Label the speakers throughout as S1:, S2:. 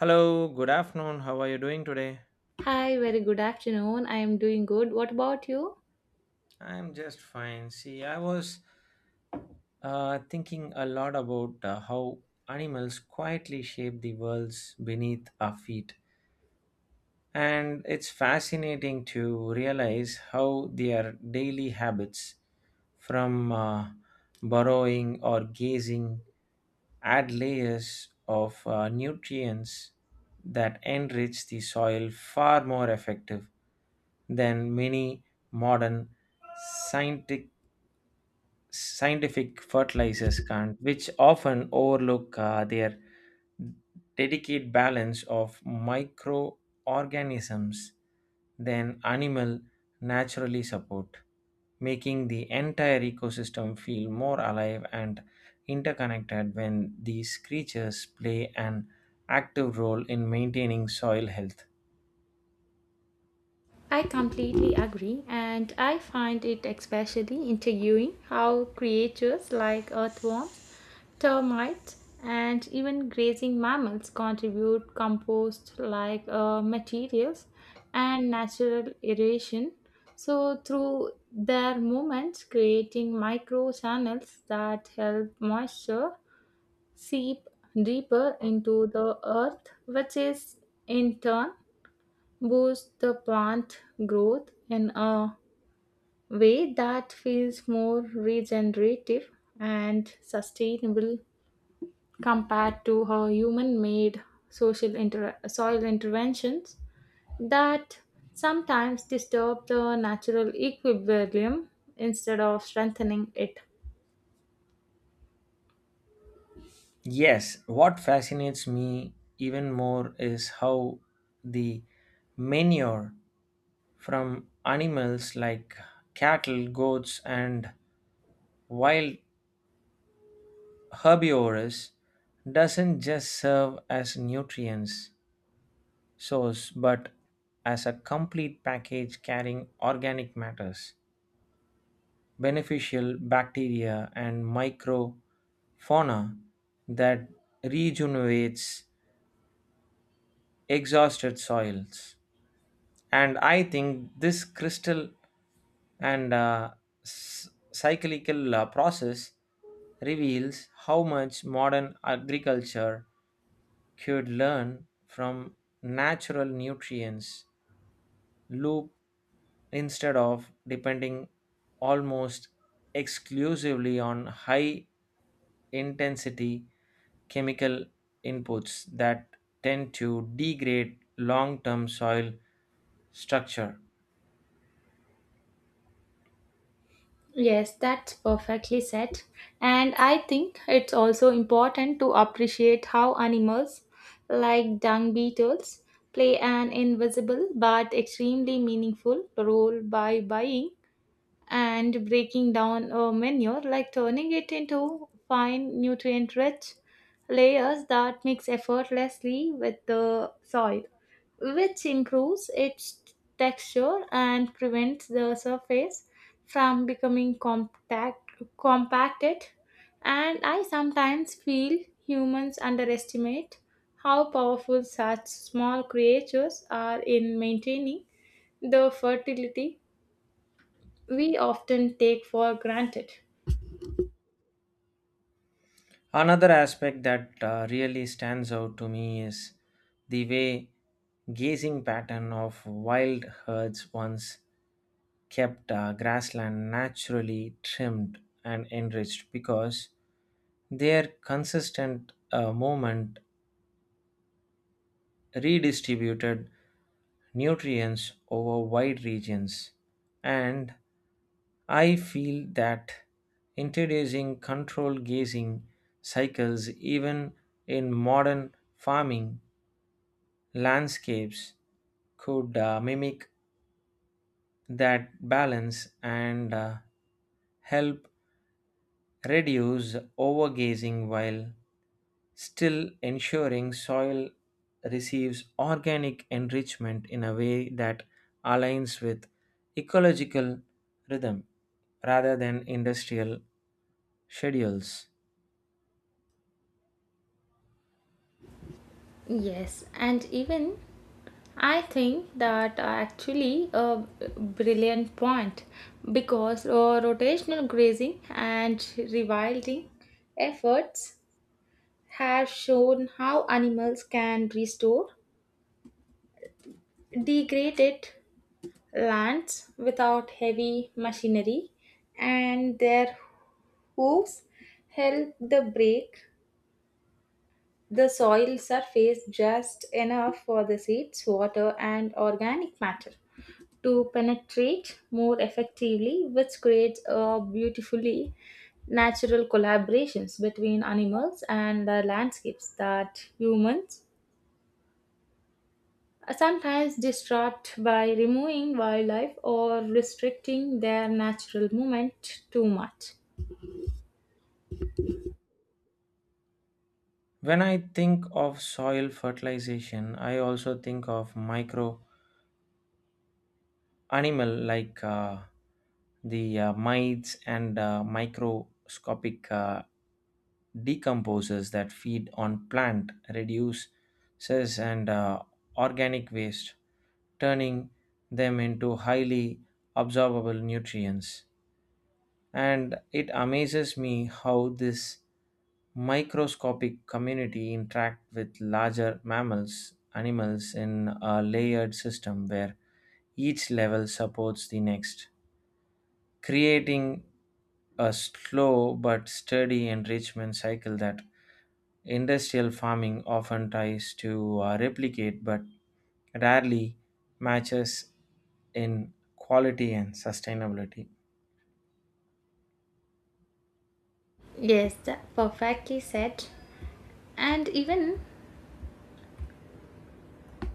S1: Hello, good afternoon. How are you doing today?
S2: Hi, very good afternoon. I am doing good. What about you?
S1: I'm just fine. See, I was thinking a lot about how animals quietly shape the worlds beneath our feet. And it's fascinating to realize how their daily habits, from burrowing or gazing, add layers of nutrients that enrich the soil far more effective than many modern scientific scientific fertilizers can, which often overlook their delicate balance of microorganisms than animal naturally support, making the entire ecosystem feel more alive and interconnected when these creatures play an active role in maintaining soil health.
S2: I completely agree, and I find it especially intriguing how creatures like earthworms, termites, and even grazing mammals contribute compost like materials and natural aeration. So, through their movements, creating microchannels that help moisture seep deeper into the earth, which is in turn boosts the plant growth in a way that feels more regenerative and sustainable compared to her human made soil interventions that sometimes disturb the natural equilibrium instead of strengthening it.
S1: Yes, what fascinates me even more is how the manure from animals like cattle, goats, and wild herbivores doesn't just serve as nutrients source but as a complete package carrying organic matters, beneficial bacteria and microfauna that rejuvenates exhausted soils. And I think this crystal and cyclical process reveals how much modern agriculture could learn from natural nutrients loop instead of depending almost exclusively on high intensity chemical inputs that tend to degrade long term soil structure.
S2: Yes, that's perfectly said. And I think it's also important to appreciate how animals like dung beetles play an invisible but extremely meaningful role by buying and breaking down a manure, like turning it into fine nutrient rich layers that mix effortlessly with the soil, which improves its texture and prevents the surface from becoming compacted. And I sometimes feel humans underestimate how powerful such small creatures are in maintaining the fertility we often take for granted.
S1: Another aspect that really stands out to me is the way grazing pattern of wild herds once kept grassland naturally trimmed and enriched because their consistent movement redistributed nutrients over wide regions, and I feel that introducing controlled grazing cycles even in modern farming landscapes could mimic that balance and help reduce overgrazing while still ensuring soil receives organic enrichment in a way that aligns with ecological rhythm rather than industrial schedules.
S2: Yes, and even I think that actually a brilliant point because rotational grazing and rewilding efforts have shown how animals can restore degraded lands without heavy machinery and their hooves help the break the soil surface just enough for the seeds, water, and organic matter to penetrate more effectively, which creates a beautifully natural collaborations between animals and the landscapes that humans are sometimes distract by removing wildlife or restricting their natural movement too much.
S1: When I think of soil fertilization, I also think of micro animal like the mites and microscopic decomposers that feed on plant reduces and organic waste, turning them into highly absorbable nutrients. And it amazes me how this microscopic community interact with larger mammals, animals in a layered system where each level supports the next, creating a slow but steady enrichment cycle that industrial farming often tries to replicate but rarely matches in quality and sustainability.
S2: Yes, that perfectly said. And even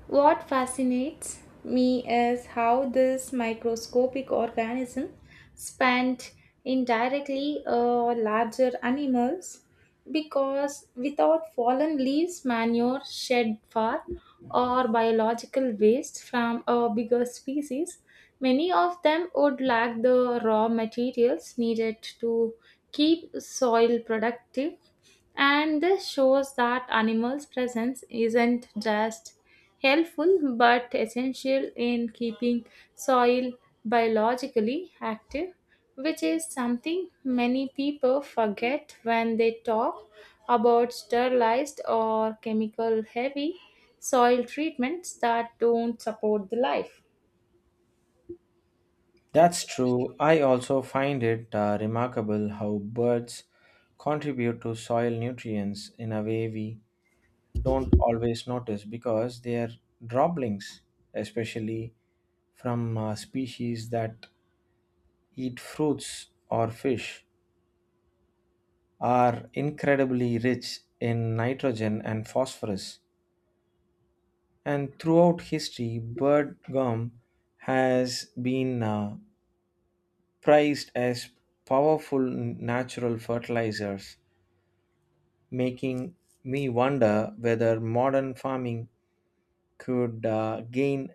S2: what fascinates me is how this microscopic organism spent indirectly larger animals because without fallen leaves, manure, shed far, or biological waste from a bigger species, many of them would lack the raw materials needed to keep soil productive and this shows that animals' presence isn't just helpful but essential in keeping soil biologically active, which is something many people forget when they talk about sterilized or chemical heavy soil treatments that don't support the life.
S1: That's true. I also find it remarkable how birds contribute to soil nutrients in a way we don't always notice because they are droplings, especially from species that eat fruits or fish, are incredibly rich in nitrogen and phosphorus. And throughout history, bird gum has been prized as powerful natural fertilizers, making me wonder whether modern farming could gain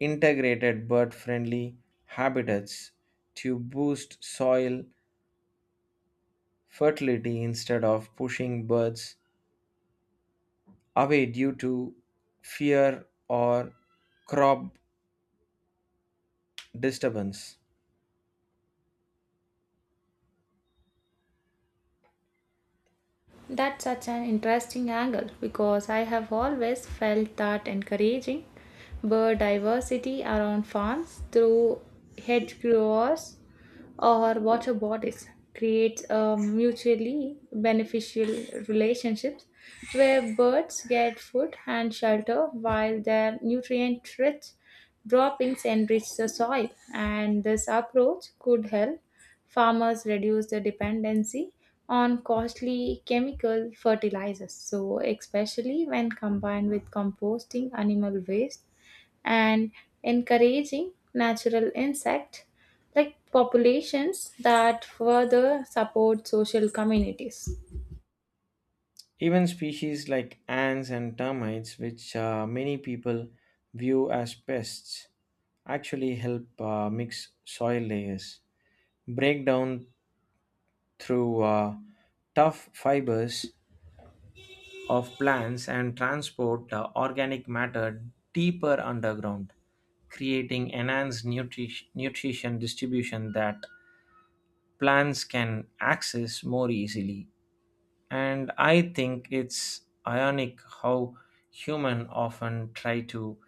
S1: integrated bird friendly habitats to boost soil fertility instead of pushing birds away due to fear or crop disturbance.
S2: That's such an interesting angle because I have always felt that encouraging biodiversity around farms through hedge growers or water bodies creates a mutually beneficial relationships where birds get food and shelter while their nutrient rich droppings enrich the soil and this approach could help farmers reduce the dependency on costly chemical fertilizers so especially when combined with composting animal waste and encouraging natural insect like populations that further support social communities.
S1: Even species like ants and termites, which many people view as pests, actually help mix soil layers, break down through tough fibers of plants and transport the organic matter deeper underground, creating enhanced nutrition distribution that plants can access more easily. And I think it's ironic how human often try to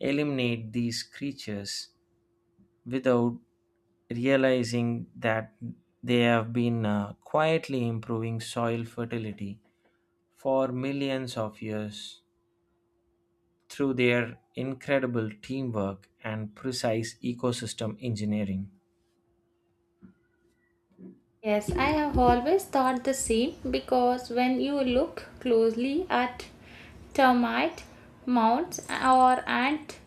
S1: eliminate these creatures without realizing that they have been quietly improving soil fertility for millions of years through their incredible teamwork and precise ecosystem engineering.
S2: Yes, I have always thought the same because when you look closely at termite mounds or ant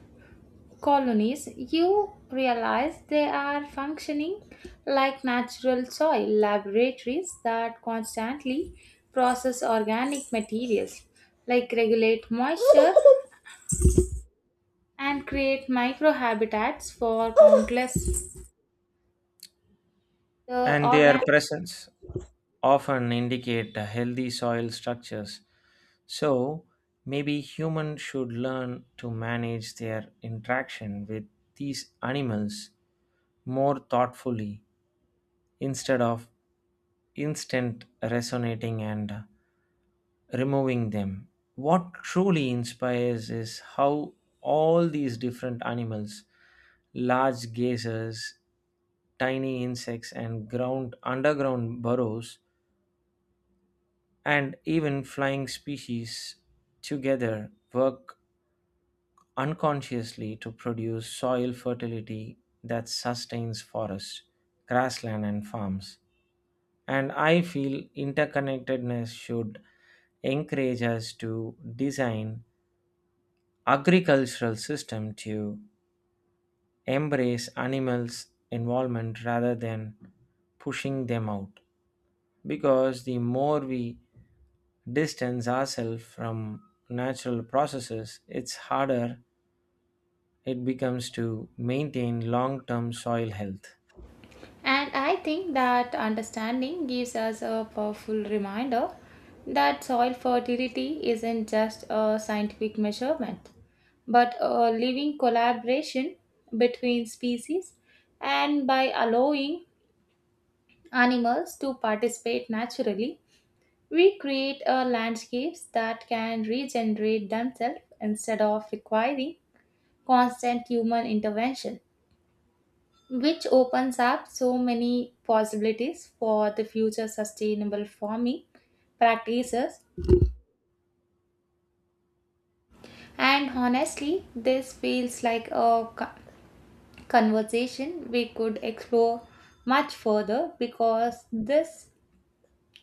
S2: colonies, you realize they are functioning like natural soil laboratories that constantly process organic materials, like regulate moisture and create microhabitats for countless the
S1: And their
S2: organ-
S1: presence often indicate a healthy soil structures. So maybe humans should learn to manage their interaction with these animals more thoughtfully instead of instant resonating and removing them. What truly inspires is how all these different animals, large gazers, tiny insects, and ground underground burrows, and even flying species together work unconsciously to produce soil fertility that sustains forests, grassland, and farms. And I feel interconnectedness should encourage us to design agricultural system to embrace animals involvement rather than pushing them out, because the more we distance ourselves from natural processes, it's harder it becomes to maintain long-term soil health.
S2: And I think that understanding gives us a powerful reminder that soil fertility isn't just a scientific measurement, but a living collaboration between species. And by allowing animals to participate naturally, we create a landscapes that can regenerate themselves instead of requiring constant human intervention which opens up so many possibilities for the future sustainable farming practices. And honestly, this feels like a conversation we could explore much further because this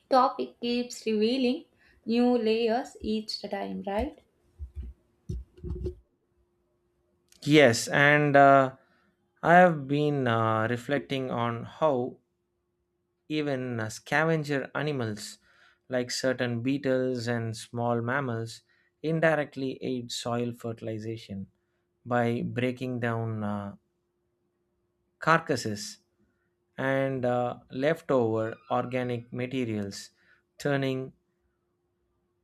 S2: topic keeps revealing new layers each time, right?
S1: Yes and I have been reflecting on how even scavenger animals like certain beetles and small mammals indirectly aid soil fertilization by breaking down carcasses and leftover organic materials, turning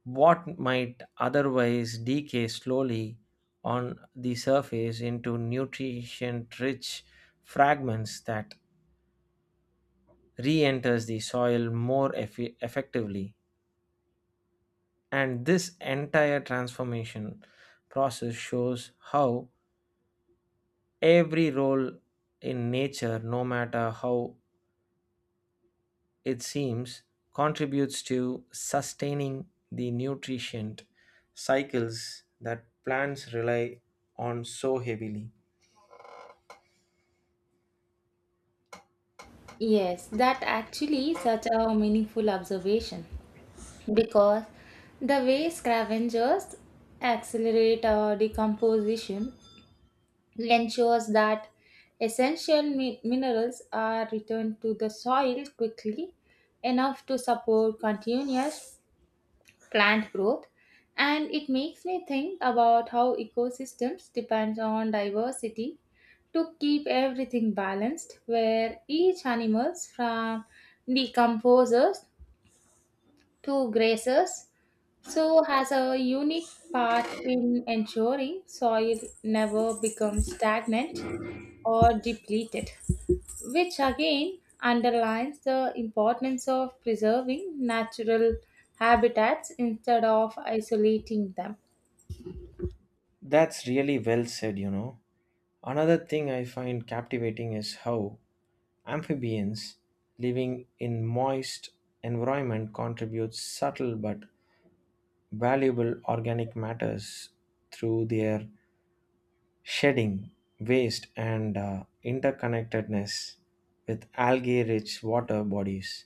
S1: what might otherwise decay slowly on the surface into nutrient rich fragments that re enters the soil more effectively. And this entire transformation process shows how every role in nature, no matter how it seems, contributes to sustaining the nutrition cycles that plants rely on so heavily.
S2: Yes, that actually such a meaningful observation because the way scavengers accelerate our decomposition it ensures that essential minerals are returned to the soil quickly enough to support continuous plant growth and it makes me think about how ecosystems depend on diversity to keep everything balanced where each animals from decomposers to grasses, so has a unique part in ensuring soil never becomes stagnant or depleted, which again underlines the importance of preserving natural habitats instead of isolating them.
S1: That's really well said, you know. Another thing I find captivating is how amphibians living in moist environment contribute subtle but valuable organic matters through their shedding, waste, and interconnectedness with algae rich water bodies,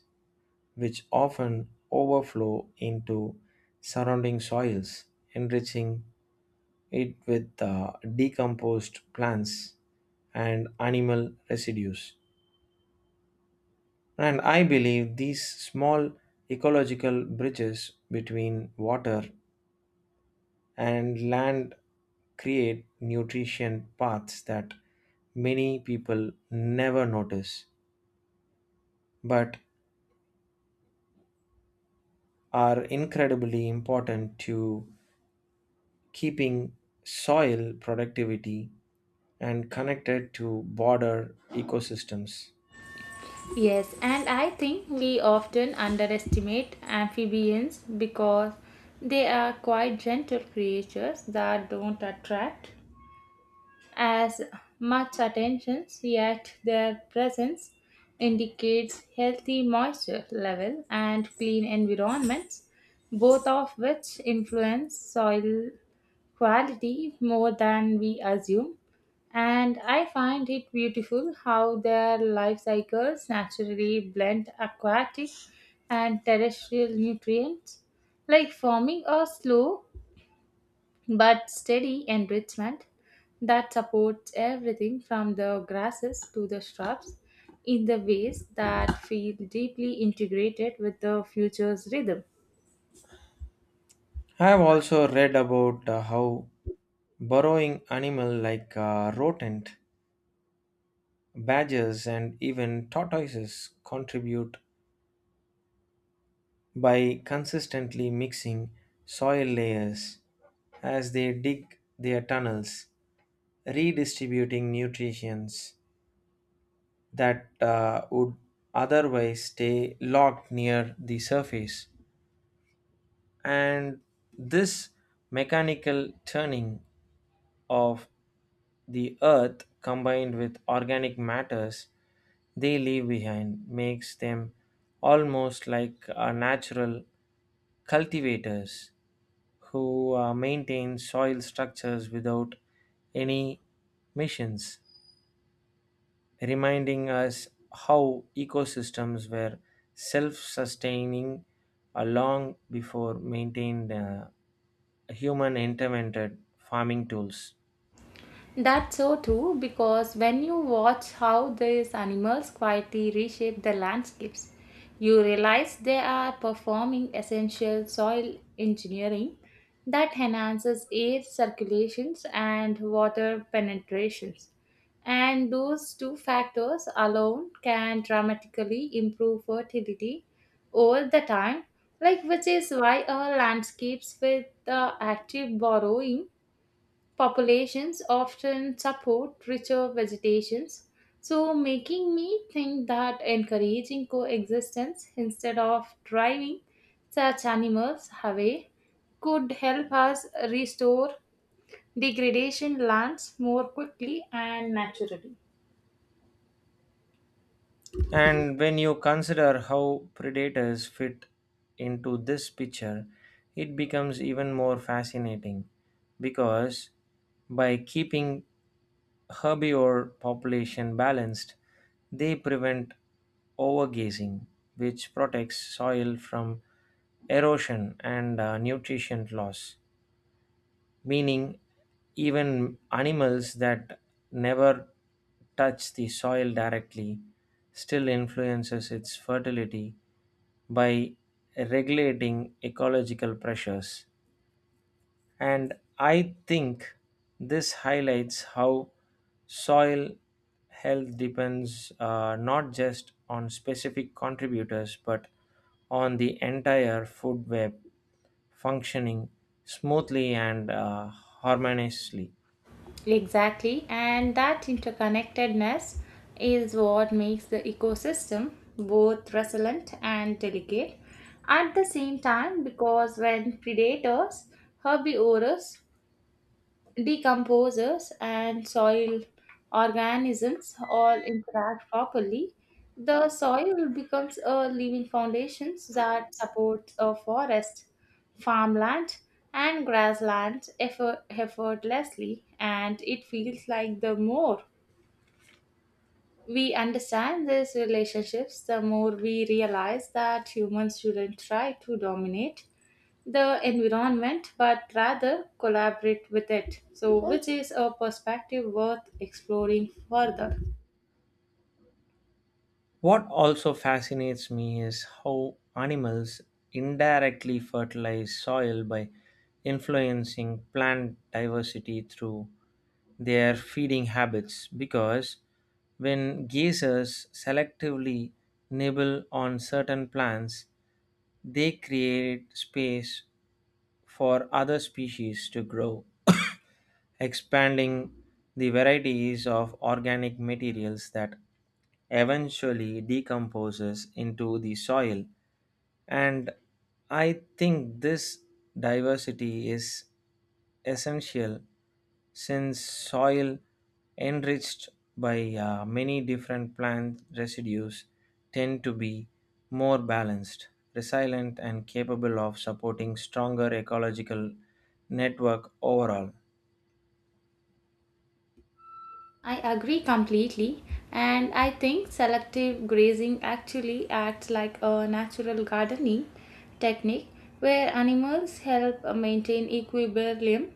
S1: which often overflow into surrounding soils, enriching it with decomposed plants and animal residues. And I believe these small ecological bridges between water and land create nutrition paths that many people never notice but are incredibly important to keeping soil productivity and connected to border ecosystems.
S2: Yes, and I think we often underestimate amphibians because they are quite gentle creatures that don't attract as much attention, yet their presence indicates healthy moisture level and clean environments, both of which influence soil quality more than we assume. And I find it beautiful how their life cycles naturally blend aquatic and terrestrial nutrients, like farming a slow but steady enrichment that supports everything from the grasses to the shrubs in the ways that feel deeply integrated with the future's rhythm.
S1: I have also read about how burrowing animal like rodent, badgers, and even tortoises contribute by consistently mixing soil layers as they dig their tunnels, redistributing nutrients that would otherwise stay locked near the surface. And this mechanical turning of the earth combined with organic matters they leave behind makes them almost like a natural cultivators who maintain soil structures without any missions, reminding us how ecosystems were self sustaining long before maintained human intervented farming tools.
S2: That's so true because when you watch how these animals quietly reshape the landscapes, you realize they are performing essential soil engineering that enhances air circulations and water penetrations. And those two factors alone can dramatically improve fertility over the time, like which is why our landscapes with the active borrowing populations often support richer vegetations, so making me think that encouraging coexistence instead of driving such animals away could help us restore degradation lands more quickly and naturally.
S1: And when you consider how predators fit into this picture, it becomes even more fascinating because by keeping herbivore population balanced, they prevent overgrazing, which protects soil from erosion and nutrition loss. Meaning, even animals that never touch the soil directly still influences its fertility by regulating ecological pressures. And I think this highlights how soil health depends not just on specific contributors but on the entire food web functioning smoothly and harmoniously.
S2: Exactly, and that interconnectedness is what makes the ecosystem both resilient and delicate at the same time because when predators, herbivores, decomposers and soil organisms all interact properly, the soil becomes a living foundation that supports a forest, farmland, and grassland effortlessly, and it feels like the more we understand these relationships, the more we realize that humans shouldn't try to dominate the environment but rather collaborate with it. So, which is a perspective worth exploring further.
S1: What also fascinates me is how animals indirectly fertilize soil by influencing plant diversity through their feeding habits, because when geysers selectively nibble on certain plants, they create space for other species to grow, expanding the varieties of organic materials that eventually decomposes into the soil. And I think this diversity is essential since soil enriched by many different plant residues tend to be more balanced, resilient, and capable of supporting stronger ecological network overall.
S2: I agree completely, and I think selective grazing actually acts like a natural gardening technique where animals help maintain equilibrium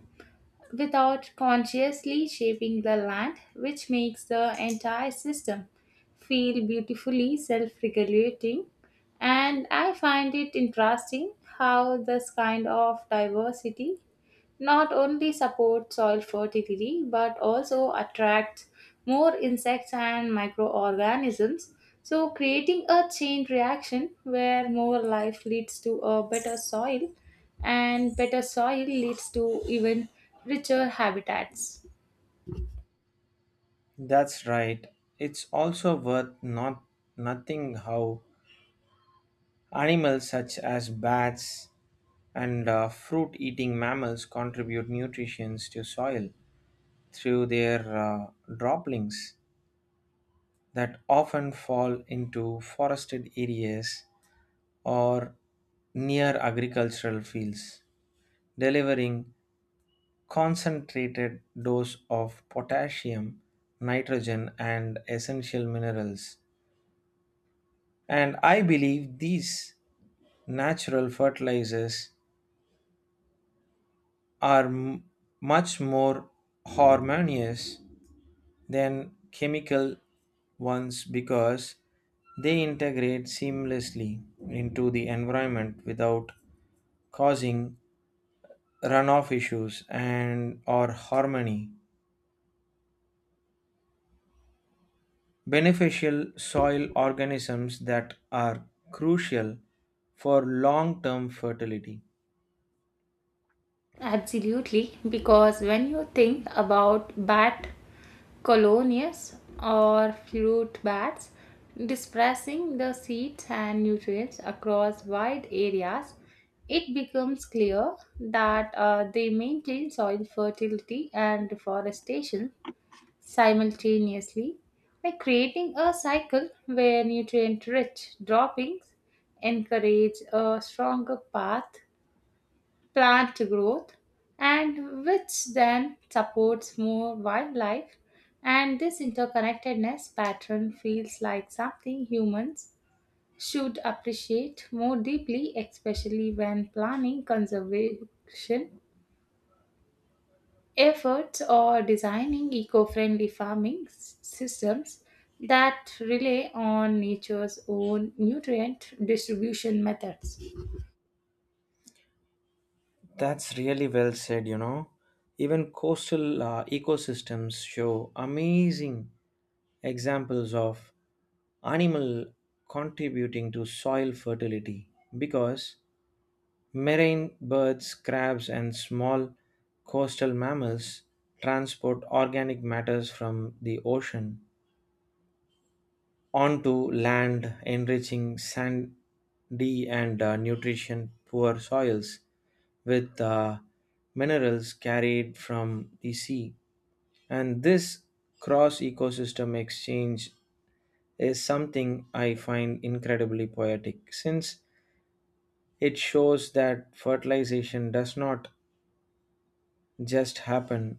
S2: without consciously shaping the land, which makes the entire system feel beautifully self regulating. And I find it interesting how this kind of diversity not only support soil fertility but also attracts more insects and microorganisms so creating a chain reaction where more life leads to a better soil and better soil leads to even richer habitats.
S1: That's right. It's also worth nothing how animals such as bats and fruit eating mammals contribute nutrition to soil through their droplings that often fall into forested areas or near agricultural fields, delivering concentrated dose of potassium, nitrogen, and essential minerals. And I believe these natural fertilizers are much more harmonious than chemical ones because they integrate seamlessly into the environment without causing runoff issues and or harmony beneficial soil organisms that are crucial for long term fertility.
S2: Absolutely, because when you think about bat colonies or fruit bats dispersing the seeds and nutrients across wide areas, it becomes clear that they maintain soil fertility and deforestation simultaneously, like creating a cycle where nutrient rich droppings encourage a stronger path plant growth, and which then supports more wildlife. And this interconnectedness pattern feels like something humans should appreciate more deeply, especially when planning conservation efforts or designing eco friendly farming systems that rely on nature's own nutrient distribution methods.
S1: That's really well said, you know. Even coastal ecosystems show amazing examples of animal contributing to soil fertility because marine birds, crabs, and small coastal mammals transport organic matters from the ocean onto land, enriching sandy and nutrition poor soils with minerals carried from the sea. And this cross ecosystem exchange is something I find incredibly poetic since it shows that fertilization does not just happen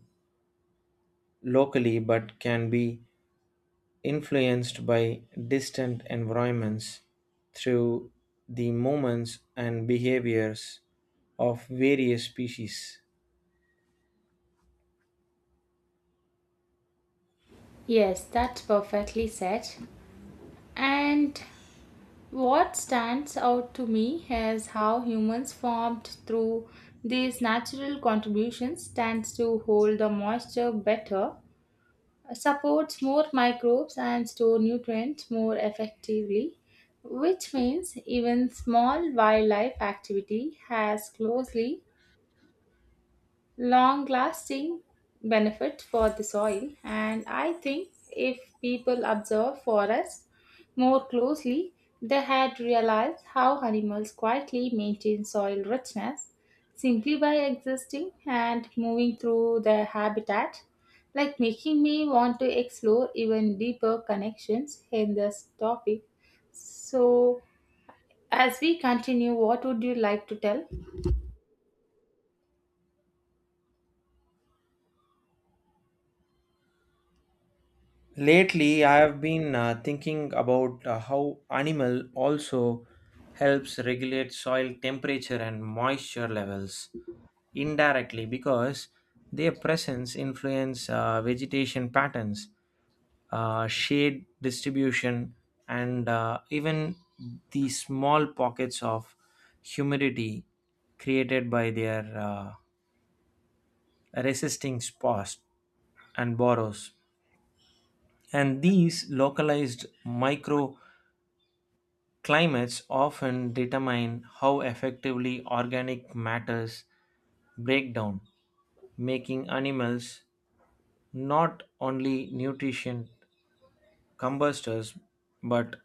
S1: locally but can be influenced by distant environments through the movements and behaviors of various species.
S2: Yes, that's perfectly said. And what stands out to me is how humans formed through these natural contributions tends to hold the moisture better, supports more microbes and store nutrients more effectively, which means even small wildlife activity has closely long lasting benefit for the soil and I think if people observe forests more closely they had realized how animals quietly maintain soil richness simply by existing and moving through their habitat like making me want to explore even deeper connections in this topic so as we continue what would you like to tell.
S1: Lately, I have been thinking about how animal also helps regulate soil temperature and moisture levels indirectly because their presence influence vegetation patterns, shade distribution, and even the small pockets of humidity created by their resisting spores and borrows. And these localized microclimates often determine how effectively organic matters break down, making animals not only nutrient combustors but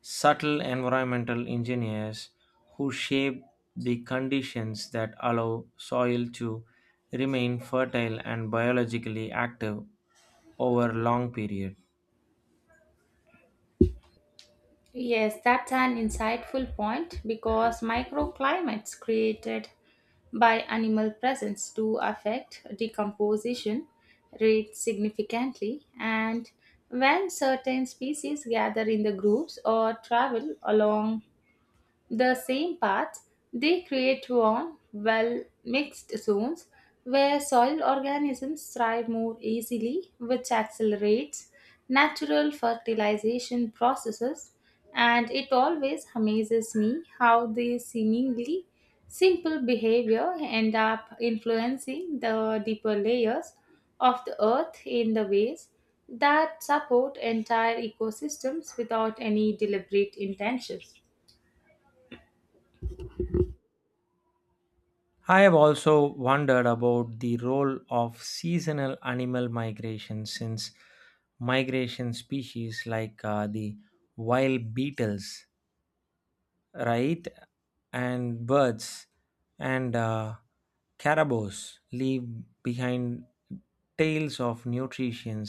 S1: subtle environmental engineers who shape the conditions that allow soil to remain fertile and biologically active over long periods.
S2: Yes, that's an insightful point because microclimates created by animal presence do affect decomposition rates significantly. And when certain species gather in the groups or travel along the same paths they create warm, well mixed zones where soil organisms thrive more easily, which accelerates natural fertilization processes. And it always amazes me how these seemingly simple behavior end up influencing the deeper layers of the earth in the ways that support entire ecosystems without any deliberate intentions.
S1: I have also wondered about the role of seasonal animal migration since migration species like the wild beetles, right, and birds and caribous leave behind tales of nutrition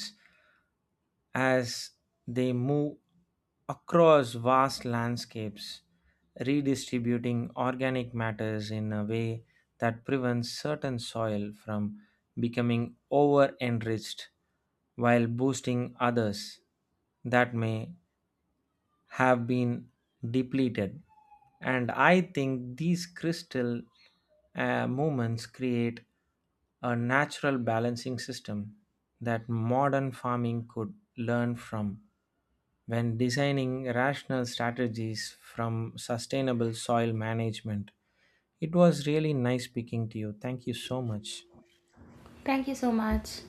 S1: as they move across vast landscapes, redistributing organic matters in a way that prevents certain soil from becoming over enriched while boosting others that may have been depleted. And I think these crystal moments create a natural balancing system that modern farming could learn from when designing rational strategies from sustainable soil management. It was really nice speaking to you. Thank you so much.
S2: Thank you so much.